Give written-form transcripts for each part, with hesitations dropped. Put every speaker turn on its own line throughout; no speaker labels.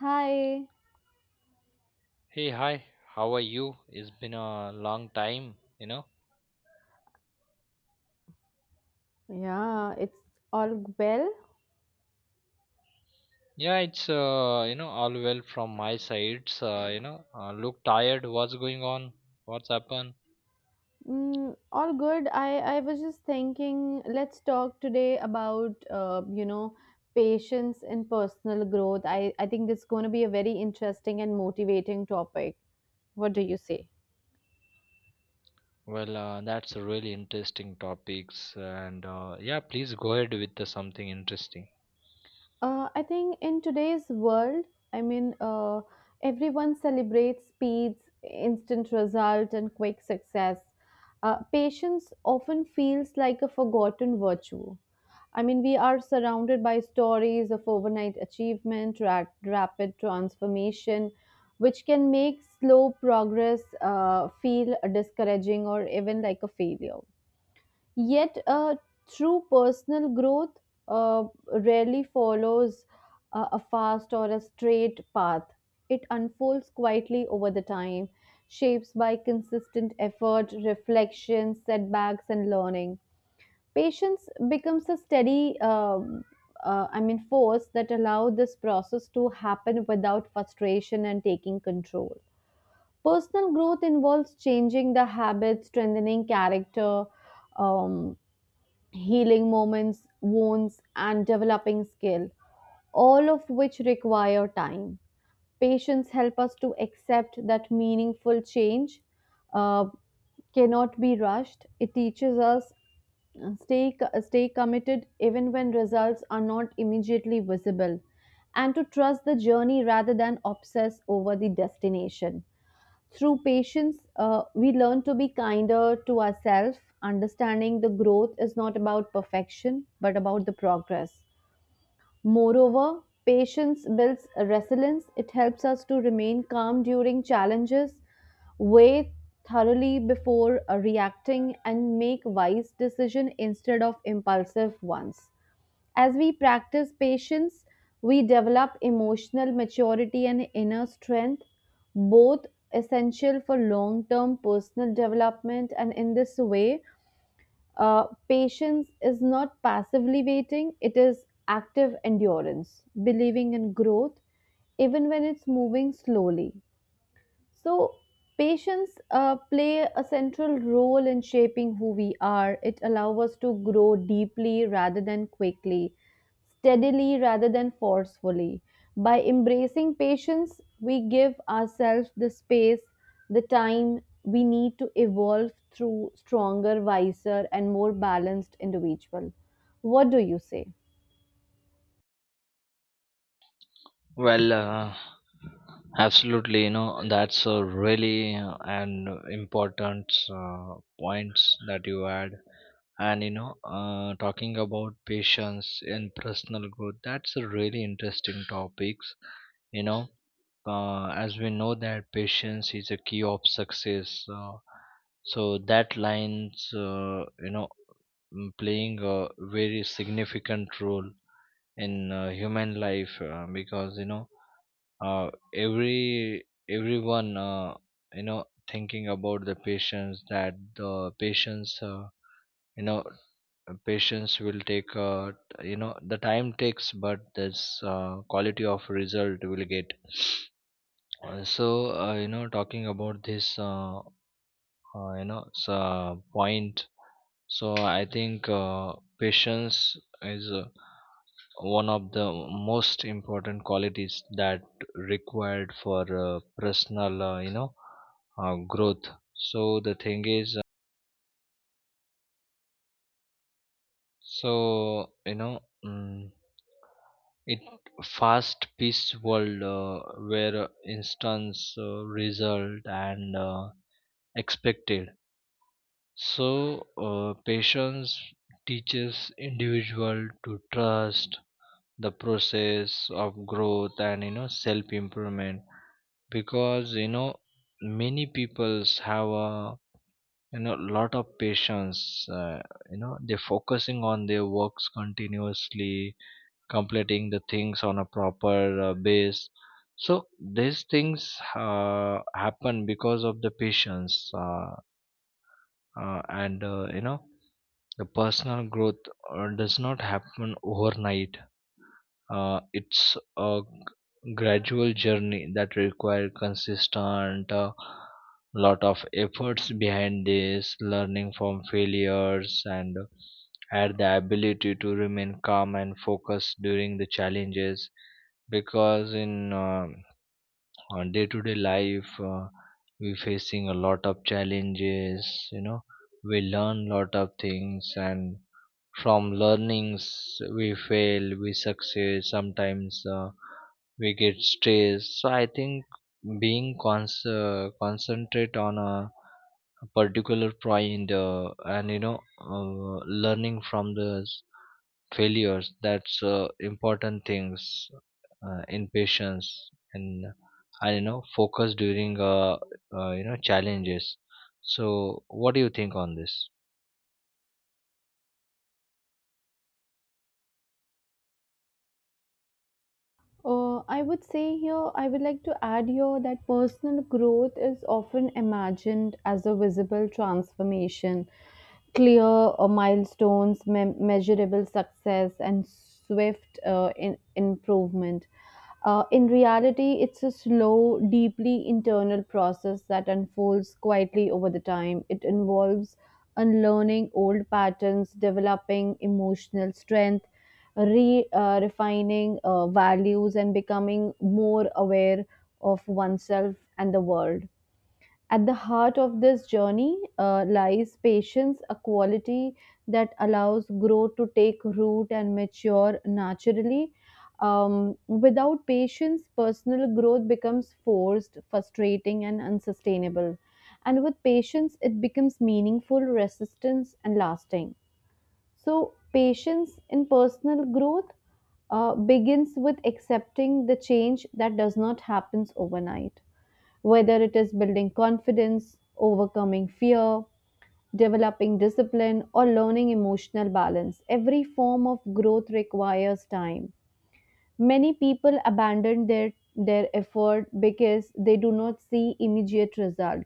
Hi.
Hey, hi, how are you? It's been a long time.
Yeah, it's well.
Yeah, all well from my side. Look tired. What's going on? What's happened?
Mm, all good. I was just thinking, let's talk today about patience and personal growth. I think it's going to be a very interesting and motivating topic. What do you say?
That's a really interesting topics, and yeah, please go ahead with something interesting.
I think in today's world, I mean, uh, everyone celebrates speeds, instant result, and quick success. Patience often feels like a forgotten virtue. I mean, we are surrounded by stories of overnight achievement, rapid transformation, which can make slow progress feel discouraging or even like a failure. Yet, true personal growth uh, rarely follows a fast or a straight path. It unfolds quietly over the time, shapes by consistent effort, reflection, setbacks, and learning. Patience becomes a steady force that allow this process to happen without frustration and taking control. Personal growth involves changing the habits, strengthening character, um, healing moments, wounds, and developing skill, all of which require time. Patience help us to accept that meaningful change uh, cannot be rushed. It teaches us stay stay committed even when results are not immediately visible, and to trust the journey rather than obsess over the destination. Through patience we learn to be kinder to ourselves, understanding the growth is not about perfection but about the progress. Moreover, patience builds resilience. It helps us to remain calm during challenges, weigh thoroughly before reacting, and make wise decisions instead of impulsive ones. As we practice patience, we develop emotional maturity and inner strength, both essential for long term personal development, and in this way, patience is not passively waiting, it is active endurance, believing in growth, even when it's moving slowly. So, patience play a central role in shaping who we are. It allows us to grow deeply rather than quickly, steadily rather than forcefully. By embracing patience, we give ourselves the space, the time we need to evolve through stronger, wiser, and more balanced individual. What do you say?
Well, uh, Absolutely. That's a really an important points that you had. Talking about patience and personal growth, that's a really interesting topics. You know, as we know that patience is a key of success. So that lines, playing a very significant role in human life because everyone you know thinking about the patients, that the patients, you know patients will take, the time takes, but this quality of result will get. So talking about this, uh, you know s- uh, point, so I think patience is one of the most important qualities that required for personal growth. So the thing is, so you know mm, it fast paced world where instance result and expected. So patience teaches individual to trust the process of growth and self improvement, because many peoples have a, lot of patience. They're focusing on their works continuously, completing the things on a proper base. So these things happen because of the patience. And you know The personal growth does not happen overnight. It's a gradual journey that requires consistent, a lot of efforts behind this, learning from failures, and had the ability to remain calm and focused during the challenges. Because in our day-to-day life, we facing a lot of challenges. You know, we learn lot of things, and from learnings we fail, we succeed sometimes, we get stressed. So I think being concentrate on a particular point, and you know uh, learning from the failures, that's important things in patience, and I don't know focus during challenges. So what do you think on this?
I would say here, I would like to add here that personal growth is often imagined as a visible transformation, clear milestones, measurable success, and swift improvement. In reality, it's a slow, deeply internal process that unfolds quietly over the time. It involves unlearning old patterns, developing emotional strength, re refining values, and becoming more aware of oneself and the world. At the heart of this journey lies patience, a quality that allows growth to take root and mature naturally. Without patience, personal growth becomes forced, frustrating, and unsustainable. And with patience, it becomes meaningful, resistance, and lasting. So, patience in personal growth begins with accepting the change that does not happen overnight. Whether it is building confidence, overcoming fear, developing discipline, or learning emotional balance, every form of growth requires time. Many people abandon their effort because they do not see immediate result.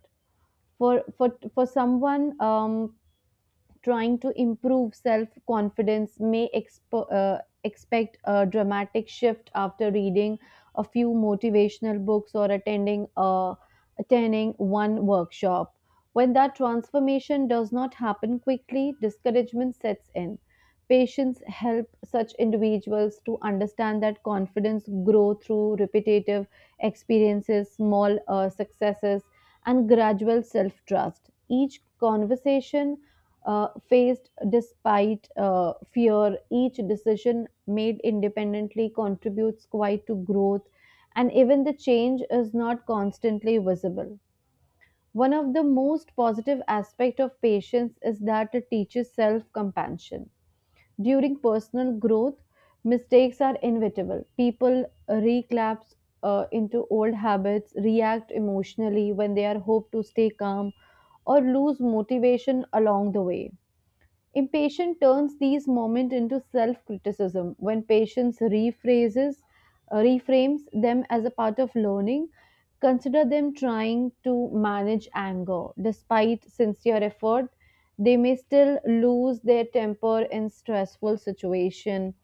For someone trying to improve self confidence may expect a dramatic shift after reading a few motivational books or attending one workshop. When that transformation does not happen quickly, discouragement sets in. Patients help such individuals to understand that confidence grows through repetitive experiences, small successes, and gradual self trust. Each conversation faced despite fear. Each decision made independently contributes quite to growth, and even the change is not constantly visible. One of the most positive aspects of patience is that it teaches self compassion. During personal growth, mistakes are inevitable. People relapse into old habits, react emotionally when they are hoped to stay calm, or lose motivation along the way. Impatience turns these moments into self-criticism when patients reframes them as a part of learning. Consider them trying to manage anger. Despite sincere effort, they may still lose their temper in stressful situation.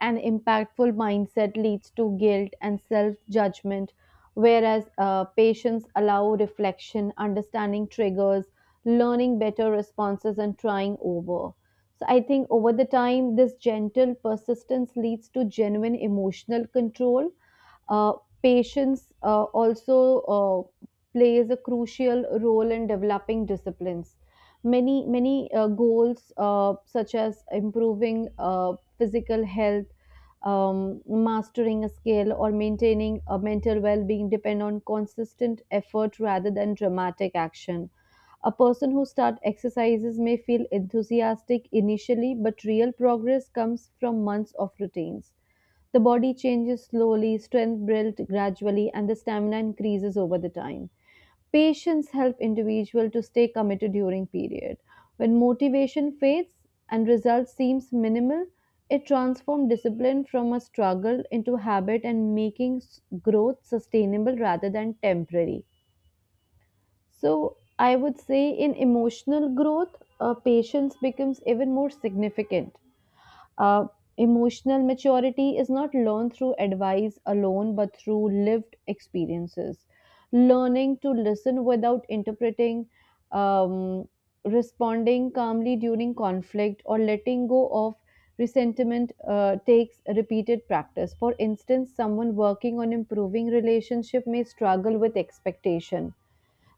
An impactful mindset leads to guilt and self judgment, whereas patients allow reflection, understanding triggers, learning better responses, and trying over. So, I think over the time, this gentle persistence leads to genuine emotional control. Uh, Patience also plays a crucial role in developing disciplines. Many goals such as improving physical health, um, mastering a skill, or maintaining a mental well being depend on consistent effort rather than dramatic action. A person who starts exercises may feel enthusiastic initially, but real progress comes from months of routines. The body changes slowly, strength builds gradually, and the stamina increases over the time. Patience helps individual to stay committed during period. When motivation fades and result seems minimal, it transforms discipline from a struggle into habit and making growth sustainable rather than temporary. So I would say in emotional growth, patience becomes even more significant. uh, Emotional maturity is not learned through advice alone, but through lived experiences. Learning to listen without interpreting, um, responding calmly during conflict, or letting go of resentment takes repeated practice. For instance, someone working on improving relationship may struggle with expectation.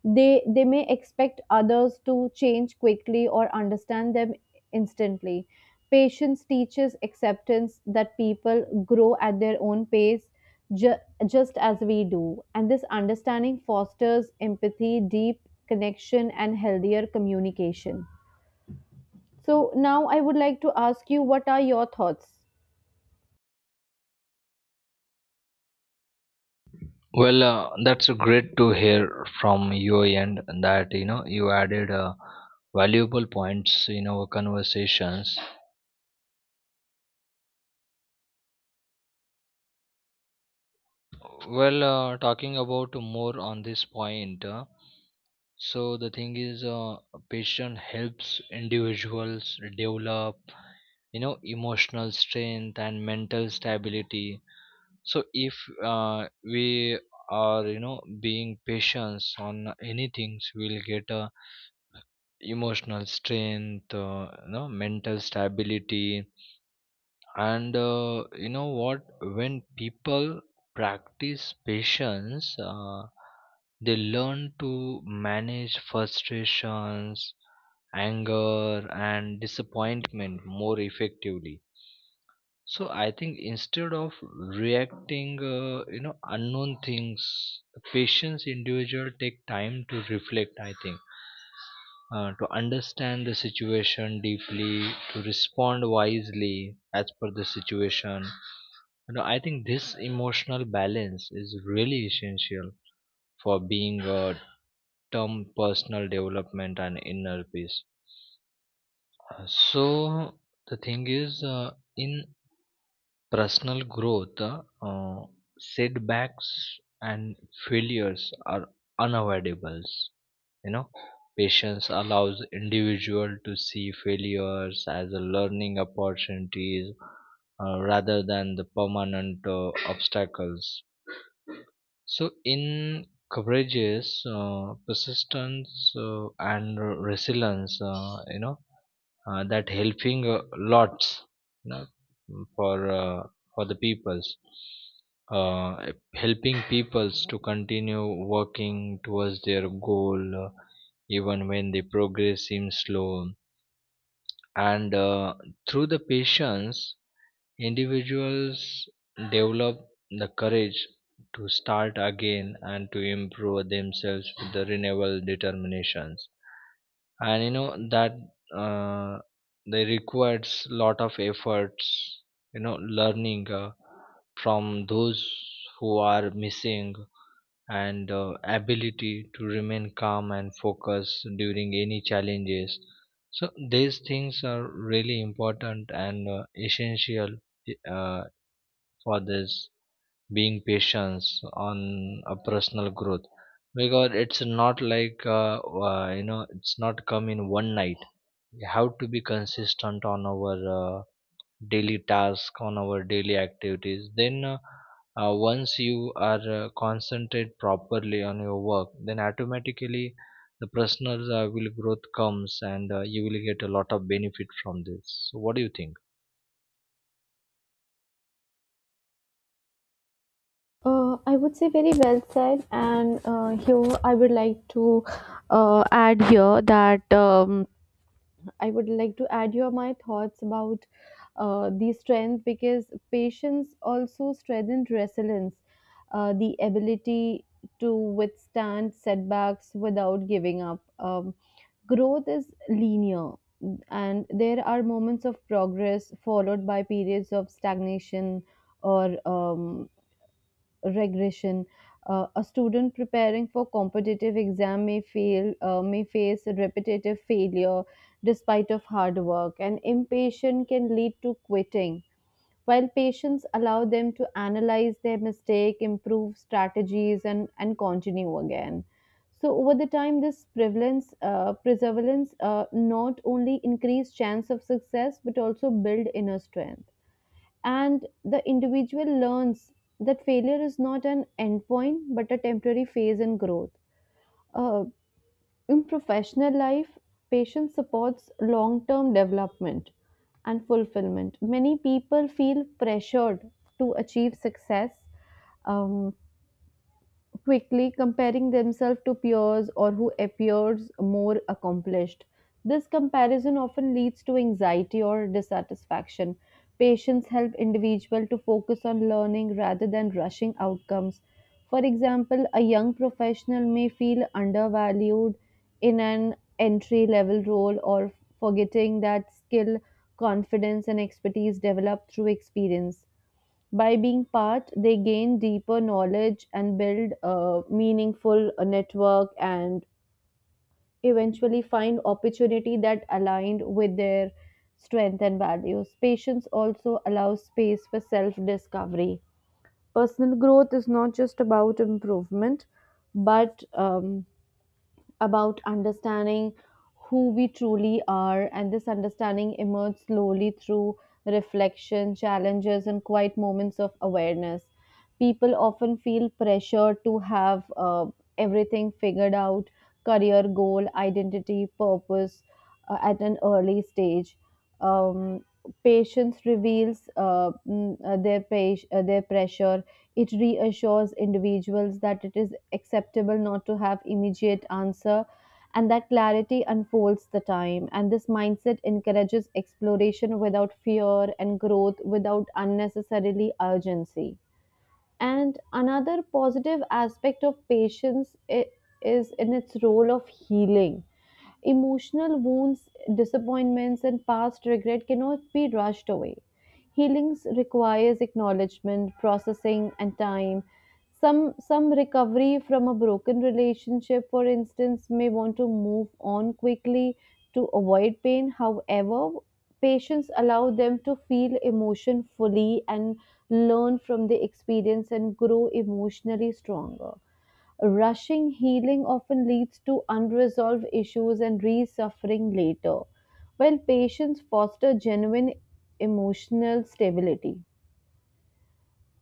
They may expect others to change quickly or understand them instantly. Patience teaches acceptance that people grow at their own pace, ju- just as we do. And this understanding fosters empathy, deep connection, and healthier communication. So, now I would like to ask you, what are your thoughts?
That's great to hear from your end that you added valuable points in our conversations. Talking about more on this point, so the thing is, patient helps individuals develop, you know, emotional strength and mental stability. So if we are, being patient on anything, we'll get a emotional strength, mental stability. And you know what When people practice patience, they learn to manage frustrations, anger and disappointment more effectively. So I think instead of reacting unknown things, the patients individual take time to reflect, I think, to understand the situation deeply, to respond wisely as per the situation. I think this emotional balance is really essential for being a term personal development and inner peace. Uh, so the thing is, in personal growth, setbacks, and failures are unavoidables. You know, patience allows individual to see failures as a learning opportunities rather than the permanent obstacles. So, in coverages, persistence and resilience, that helping lots, you know, for uh, for the peoples, uh, helping peoples to continue working towards their goal, even when the progress seems slow. And Through the patience, individuals develop the courage to start again and to improve themselves with the renewable determinations. And you know that uh, they requires lot of efforts, learning from those who are missing, and ability to remain calm and focus during any challenges. So these things are really important and essential uh, for this being patience on a personal growth, because it's not like it's not come in one night. We have to be consistent on our daily task, on our daily activities. Then once you are concentrate properly on your work, then automatically the personal will growth comes, and you will get a lot of benefit from this. So what do you think?
I would say very well said, and here I would like to add here that I would like to add your my thoughts about the strength, because patience also strengthens resilience, the ability to withstand setbacks without giving up. Growth is linear, and there are moments of progress followed by periods of stagnation or regression. A student preparing for competitive exam may fail, may face repetitive failure despite of hard work, and impatience can lead to quitting. While patience allow them to analyze their mistake, improve strategies, and continue again. So over the time, this prevalence, not only increase chance of success but also build inner strength, and the individual learns that failure is not an endpoint but a temporary phase in growth. Uh, in professional life, patience supports long term development and fulfillment. Many people feel pressured to achieve success um, quickly, comparing themselves to peers or who appears more accomplished. This comparison often leads to anxiety or dissatisfaction. Patients help individuals to focus on learning rather than rushing outcomes. For example, a young professional may feel undervalued in an entry level role or forgetting that skill, confidence, and expertise develop through experience. By being part, they gain deeper knowledge and build a meaningful network, and eventually find opportunity that aligned with their strength and values. Patience also allows space for self discovery. Personal growth is not just about improvement, but about understanding who we truly are, and this understanding emerges slowly through reflection, challenges, and quiet moments of awareness. People often feel pressure to have everything figured out: career goal, identity, purpose, at an early stage. Um, Patience reveals their pressure. It reassures individuals that it is acceptable not to have immediate answer, and that clarity unfolds the time, and this mindset encourages exploration without fear and growth without unnecessarily urgency. And another positive aspect of patience is in its role of healing. Emotional wounds, disappointments, and past regret cannot be rushed away. Healing requires acknowledgement, processing, and time. Some recovery from a broken relationship, for instance, may want to move on quickly to avoid pain. However, patients allow them to feel emotion fully and learn from the experience and grow emotionally stronger. Rushing healing often leads to unresolved issues and re suffering later, while patience foster genuine emotional stability.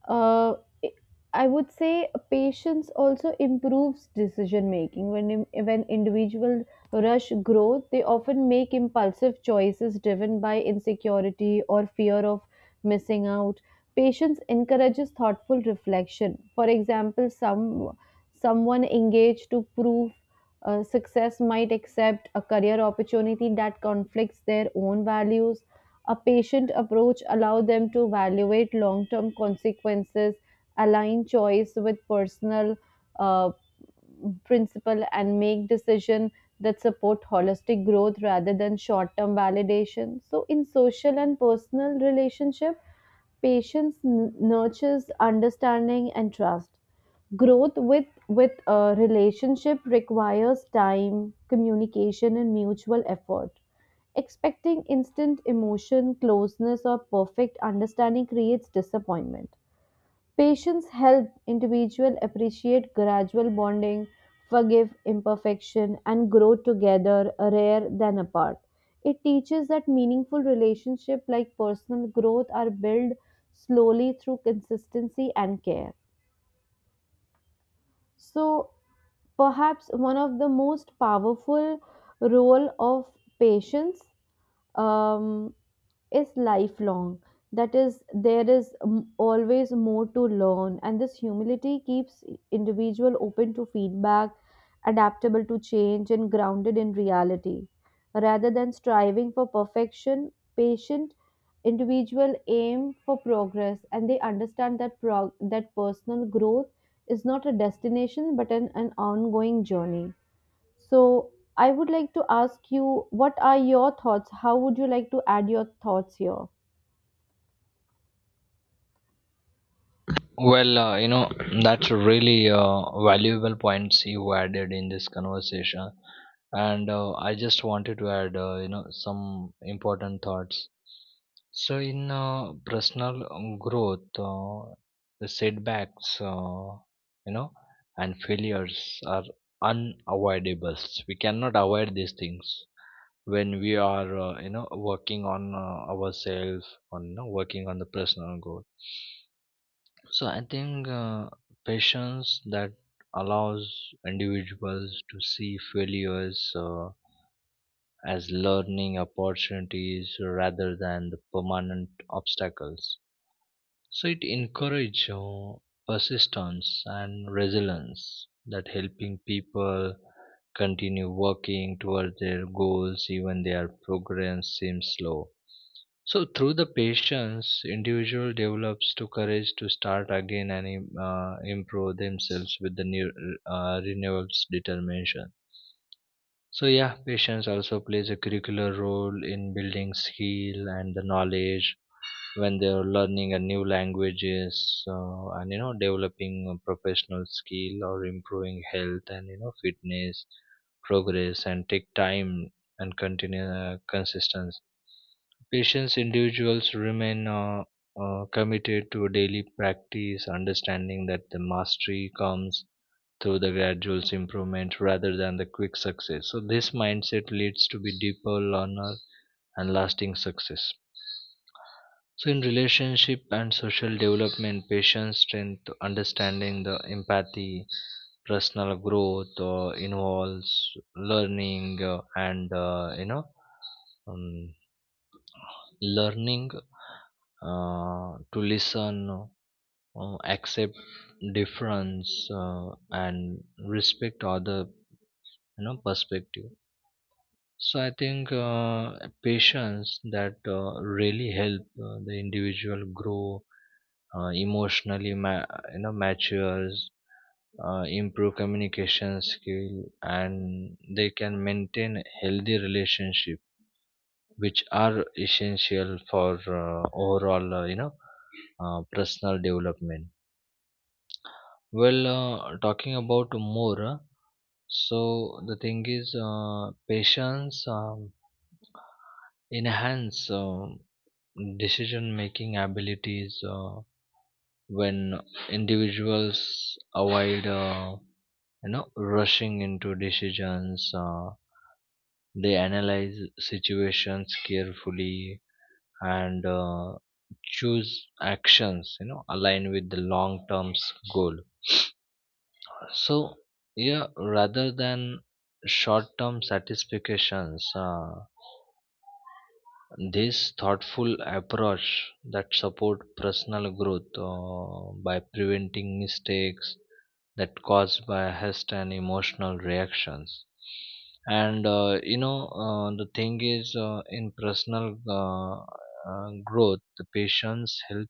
Uh, i I would say patience also improves decision making. When individuals rush growth, they often make impulsive choices driven by insecurity or fear of missing out. Patience encourages thoughtful reflection. For example, someone engaged to prove success might accept a career opportunity that conflicts their own values. A patient approach allows them to evaluate long term consequences, align choice with personal uh, principle, and make decisions that support holistic growth rather than short term validation. So, in social and personal relationship, patience nurtures understanding and trust. Growth with a relationship requires time, communication, and mutual effort. Expecting instant emotion, closeness, or perfect understanding creates disappointment. Patience helps individuals appreciate gradual bonding, forgive imperfection, and grow together rather than apart. It teaches that meaningful relationships like personal growth are built slowly through consistency and care. So, perhaps one of the most powerful role of patience um, is lifelong. That is, there is always more to learn, and this humility keeps individual open to feedback, adaptable to change, and grounded in reality. Rather than striving for perfection, patient individual aim for progress, and they understand that personal growth is not a destination but an ongoing journey. So, I would like to ask you, what are your thoughts? How would you like to add your thoughts here?
Well, that's a really valuable points you added in this conversation. And I just wanted to add, some important thoughts. So, in personal growth, the setbacks, you know, and failures are unavoidable. We cannot avoid these things when we are, working on ourselves, on, working on the personal growth. So I think patience that allows individuals to see failures as learning opportunities rather than the permanent obstacles. So it encourages persistence and resilience that helping people continue working toward their goals even their progress seems slow. So through the patience, individual develops to courage to start again and improve themselves with the new renewals determination. So yeah, patience also plays a curricular role in building skill and the knowledge, when they're learning a new languages and you know developing a professional skill or improving health and fitness. Progress and take time and continue consistency. Patients individuals remain committed to daily practice, understanding that the mastery comes through the gradual improvement rather than the quick success. So this mindset leads to be deeper learner and lasting success. So in relationship and social development, patience, strength, understanding, the empathy, personal growth involves learning, and you know um, learning to listen, accept difference, and respect other, perspective. So I think patience that really help the individual grow emotionally, matures, improve communication skill, and they can maintain healthy relationship, which are essential for overall, personal development. Well, talking about more, so the thing is, patience enhance decision making abilities when individuals avoid rushing into decisions. They analyze situations carefully and choose actions aligned with the long term goal. So yeah, rather than short term satisfactions, this thoughtful approach that support personal growth by preventing mistakes that caused by haste and emotional reactions. And you know The thing is, in personal growth, the patients help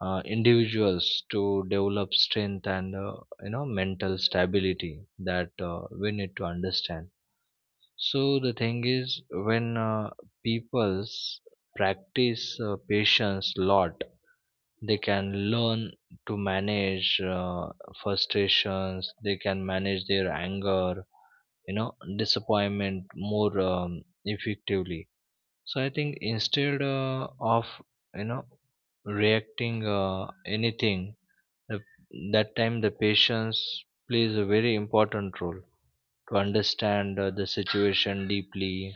individuals to develop strength and, mental stability, that we need to understand. So the thing is, when people's practice patience lot, they can learn to manage frustrations. They can manage their anger, you know, disappointment more effectively. So I think instead of you know reacting anything, the, that time the patience plays a very important role to understand the situation deeply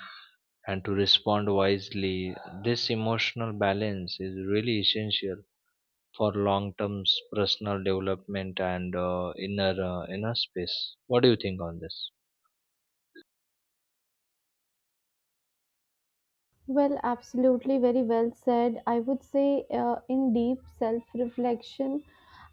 and to respond wisely. This emotional balance is really essential for long-term personal development and inner space. What do you think on this?
Well, absolutely, very well said. I would say, in deep self reflection,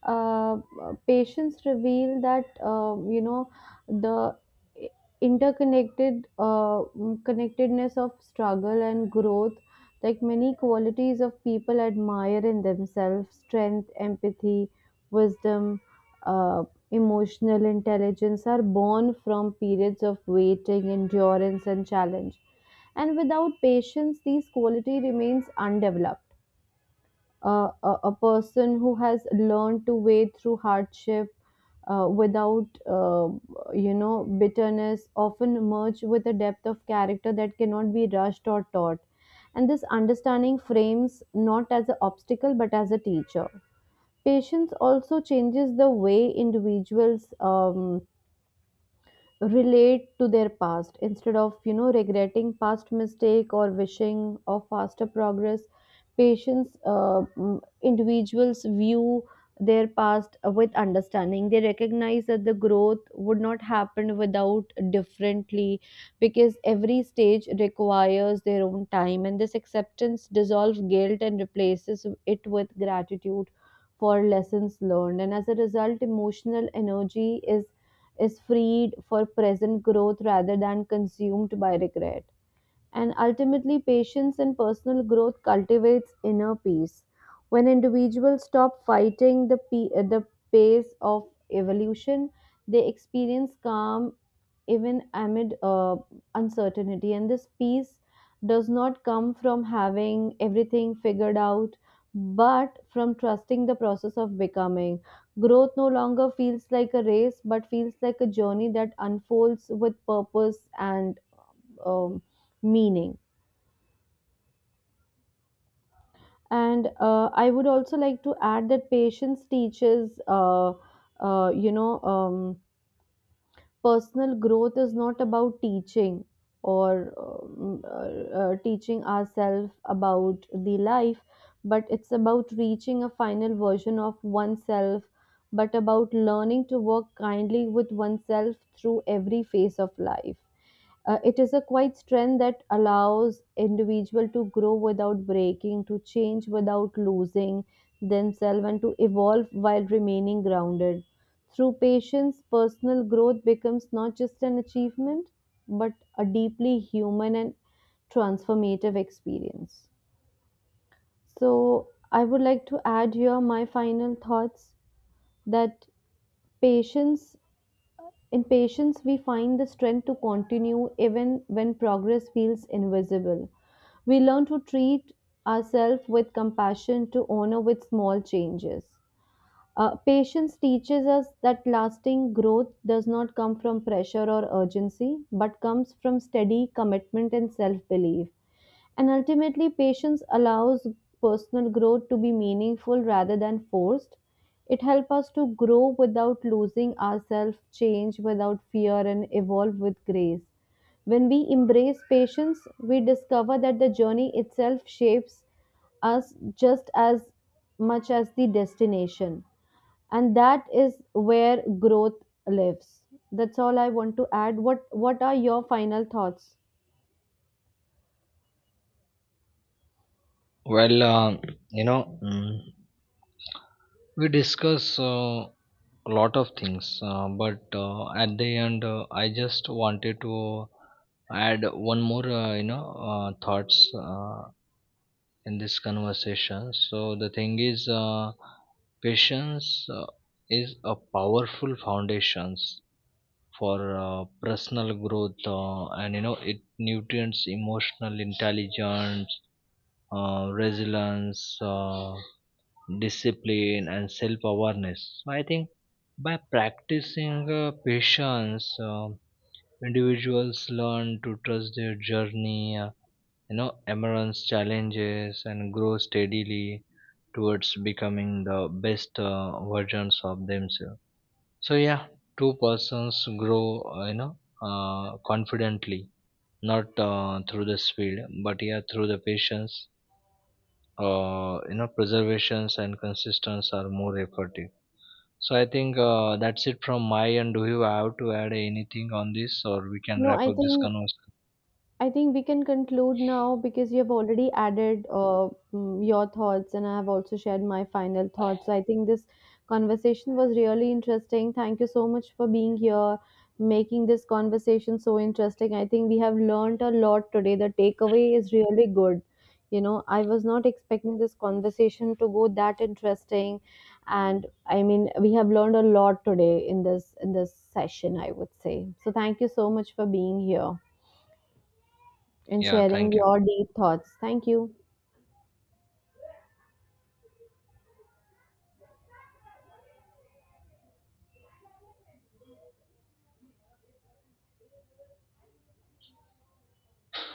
uh, patients reveal that, the i- connectedness of struggle and growth, like many qualities of people admire in themselves, strength, empathy, wisdom, uh, emotional intelligence are born from periods of waiting, endurance, and challenge, and without patience these quality remains undeveloped. A person who has learned to wade through hardship without uh, bitterness often emerge with a depth of character that cannot be rushed or taught, and this understanding frames not as an obstacle but as a teacher. Patience also changes the way individuals relate to their past. Instead of, you know, regretting past mistake or wishing of faster progress, patients individuals view their past with understanding. They recognize that the growth would not happen without differently, because every stage requires their own time, and this acceptance dissolves guilt and replaces it with gratitude for lessons learned, and as a result, emotional energy is freed for present growth rather than consumed by regret. And ultimately, patience and personal growth cultivates inner peace. When individuals stop fighting the, the pace of evolution, they experience calm even amid uncertainty. And this peace does not come from having everything figured out, but from trusting the process of becoming. Growth no longer feels like a race, but feels like a journey that unfolds with purpose and um, meaning. And I would also like to add that patience teaches, uh, you know, um, personal growth is not about teaching or teaching ourselves about the life, but it's about reaching a final version of oneself, but about learning to work kindly with oneself through every phase of life. It is a quiet strength that allows individual to grow without breaking, to change without losing themselves, and to evolve while remaining grounded. Through patience, personal growth becomes not just an achievement, but a deeply human and transformative experience. So, I would like to add here my final thoughts that patience, in patience, we find the strength to continue even when progress feels invisible. We learn to treat ourselves with compassion, to honor with small changes. Patience teaches us that lasting growth does not come from pressure or urgency, but comes from steady commitment and self belief. And ultimately, patience allows personal growth to be meaningful rather than forced. It helps us to grow without losing ourselves, change without fear, and evolve with grace. When we embrace patience, we discover that the journey itself shapes us just as much as the destination. And that is where growth lives. That's all I want to add. What are your final thoughts?
Well, you know, mm, we discuss a lot of things, but at the end, I just wanted to add one more, thoughts, in this conversation. So the thing is, patience is a powerful foundations for personal growth, and it nutrients emotional intelligence, resilience, discipline, and self-awareness. So I think by practicing patience, individuals learn to trust their journey. Embrace challenges and grow steadily towards becoming the best versions of themselves. So yeah, two persons grow uh, you know confidently, not through the speed, but yeah, through the patience, preservations and consistency are more effective. So I think that's it from my end. Do you have to add anything on this, or we can
No,
wrap
I
up this
think
conversation?
we can conclude now because you have already added your thoughts, and I have also shared my final thoughts. So I think this conversation was really interesting. Thank you so much for being here, making this conversation so interesting. I think we have learned a lot today. The takeaway is really good. You know, I was not expecting this conversation to go that interesting, and I mean, we have learned a lot today in this session, I would say. So thank you so much for being here and
Yeah,
sharing
thank you.
your deep thoughts. Thank you.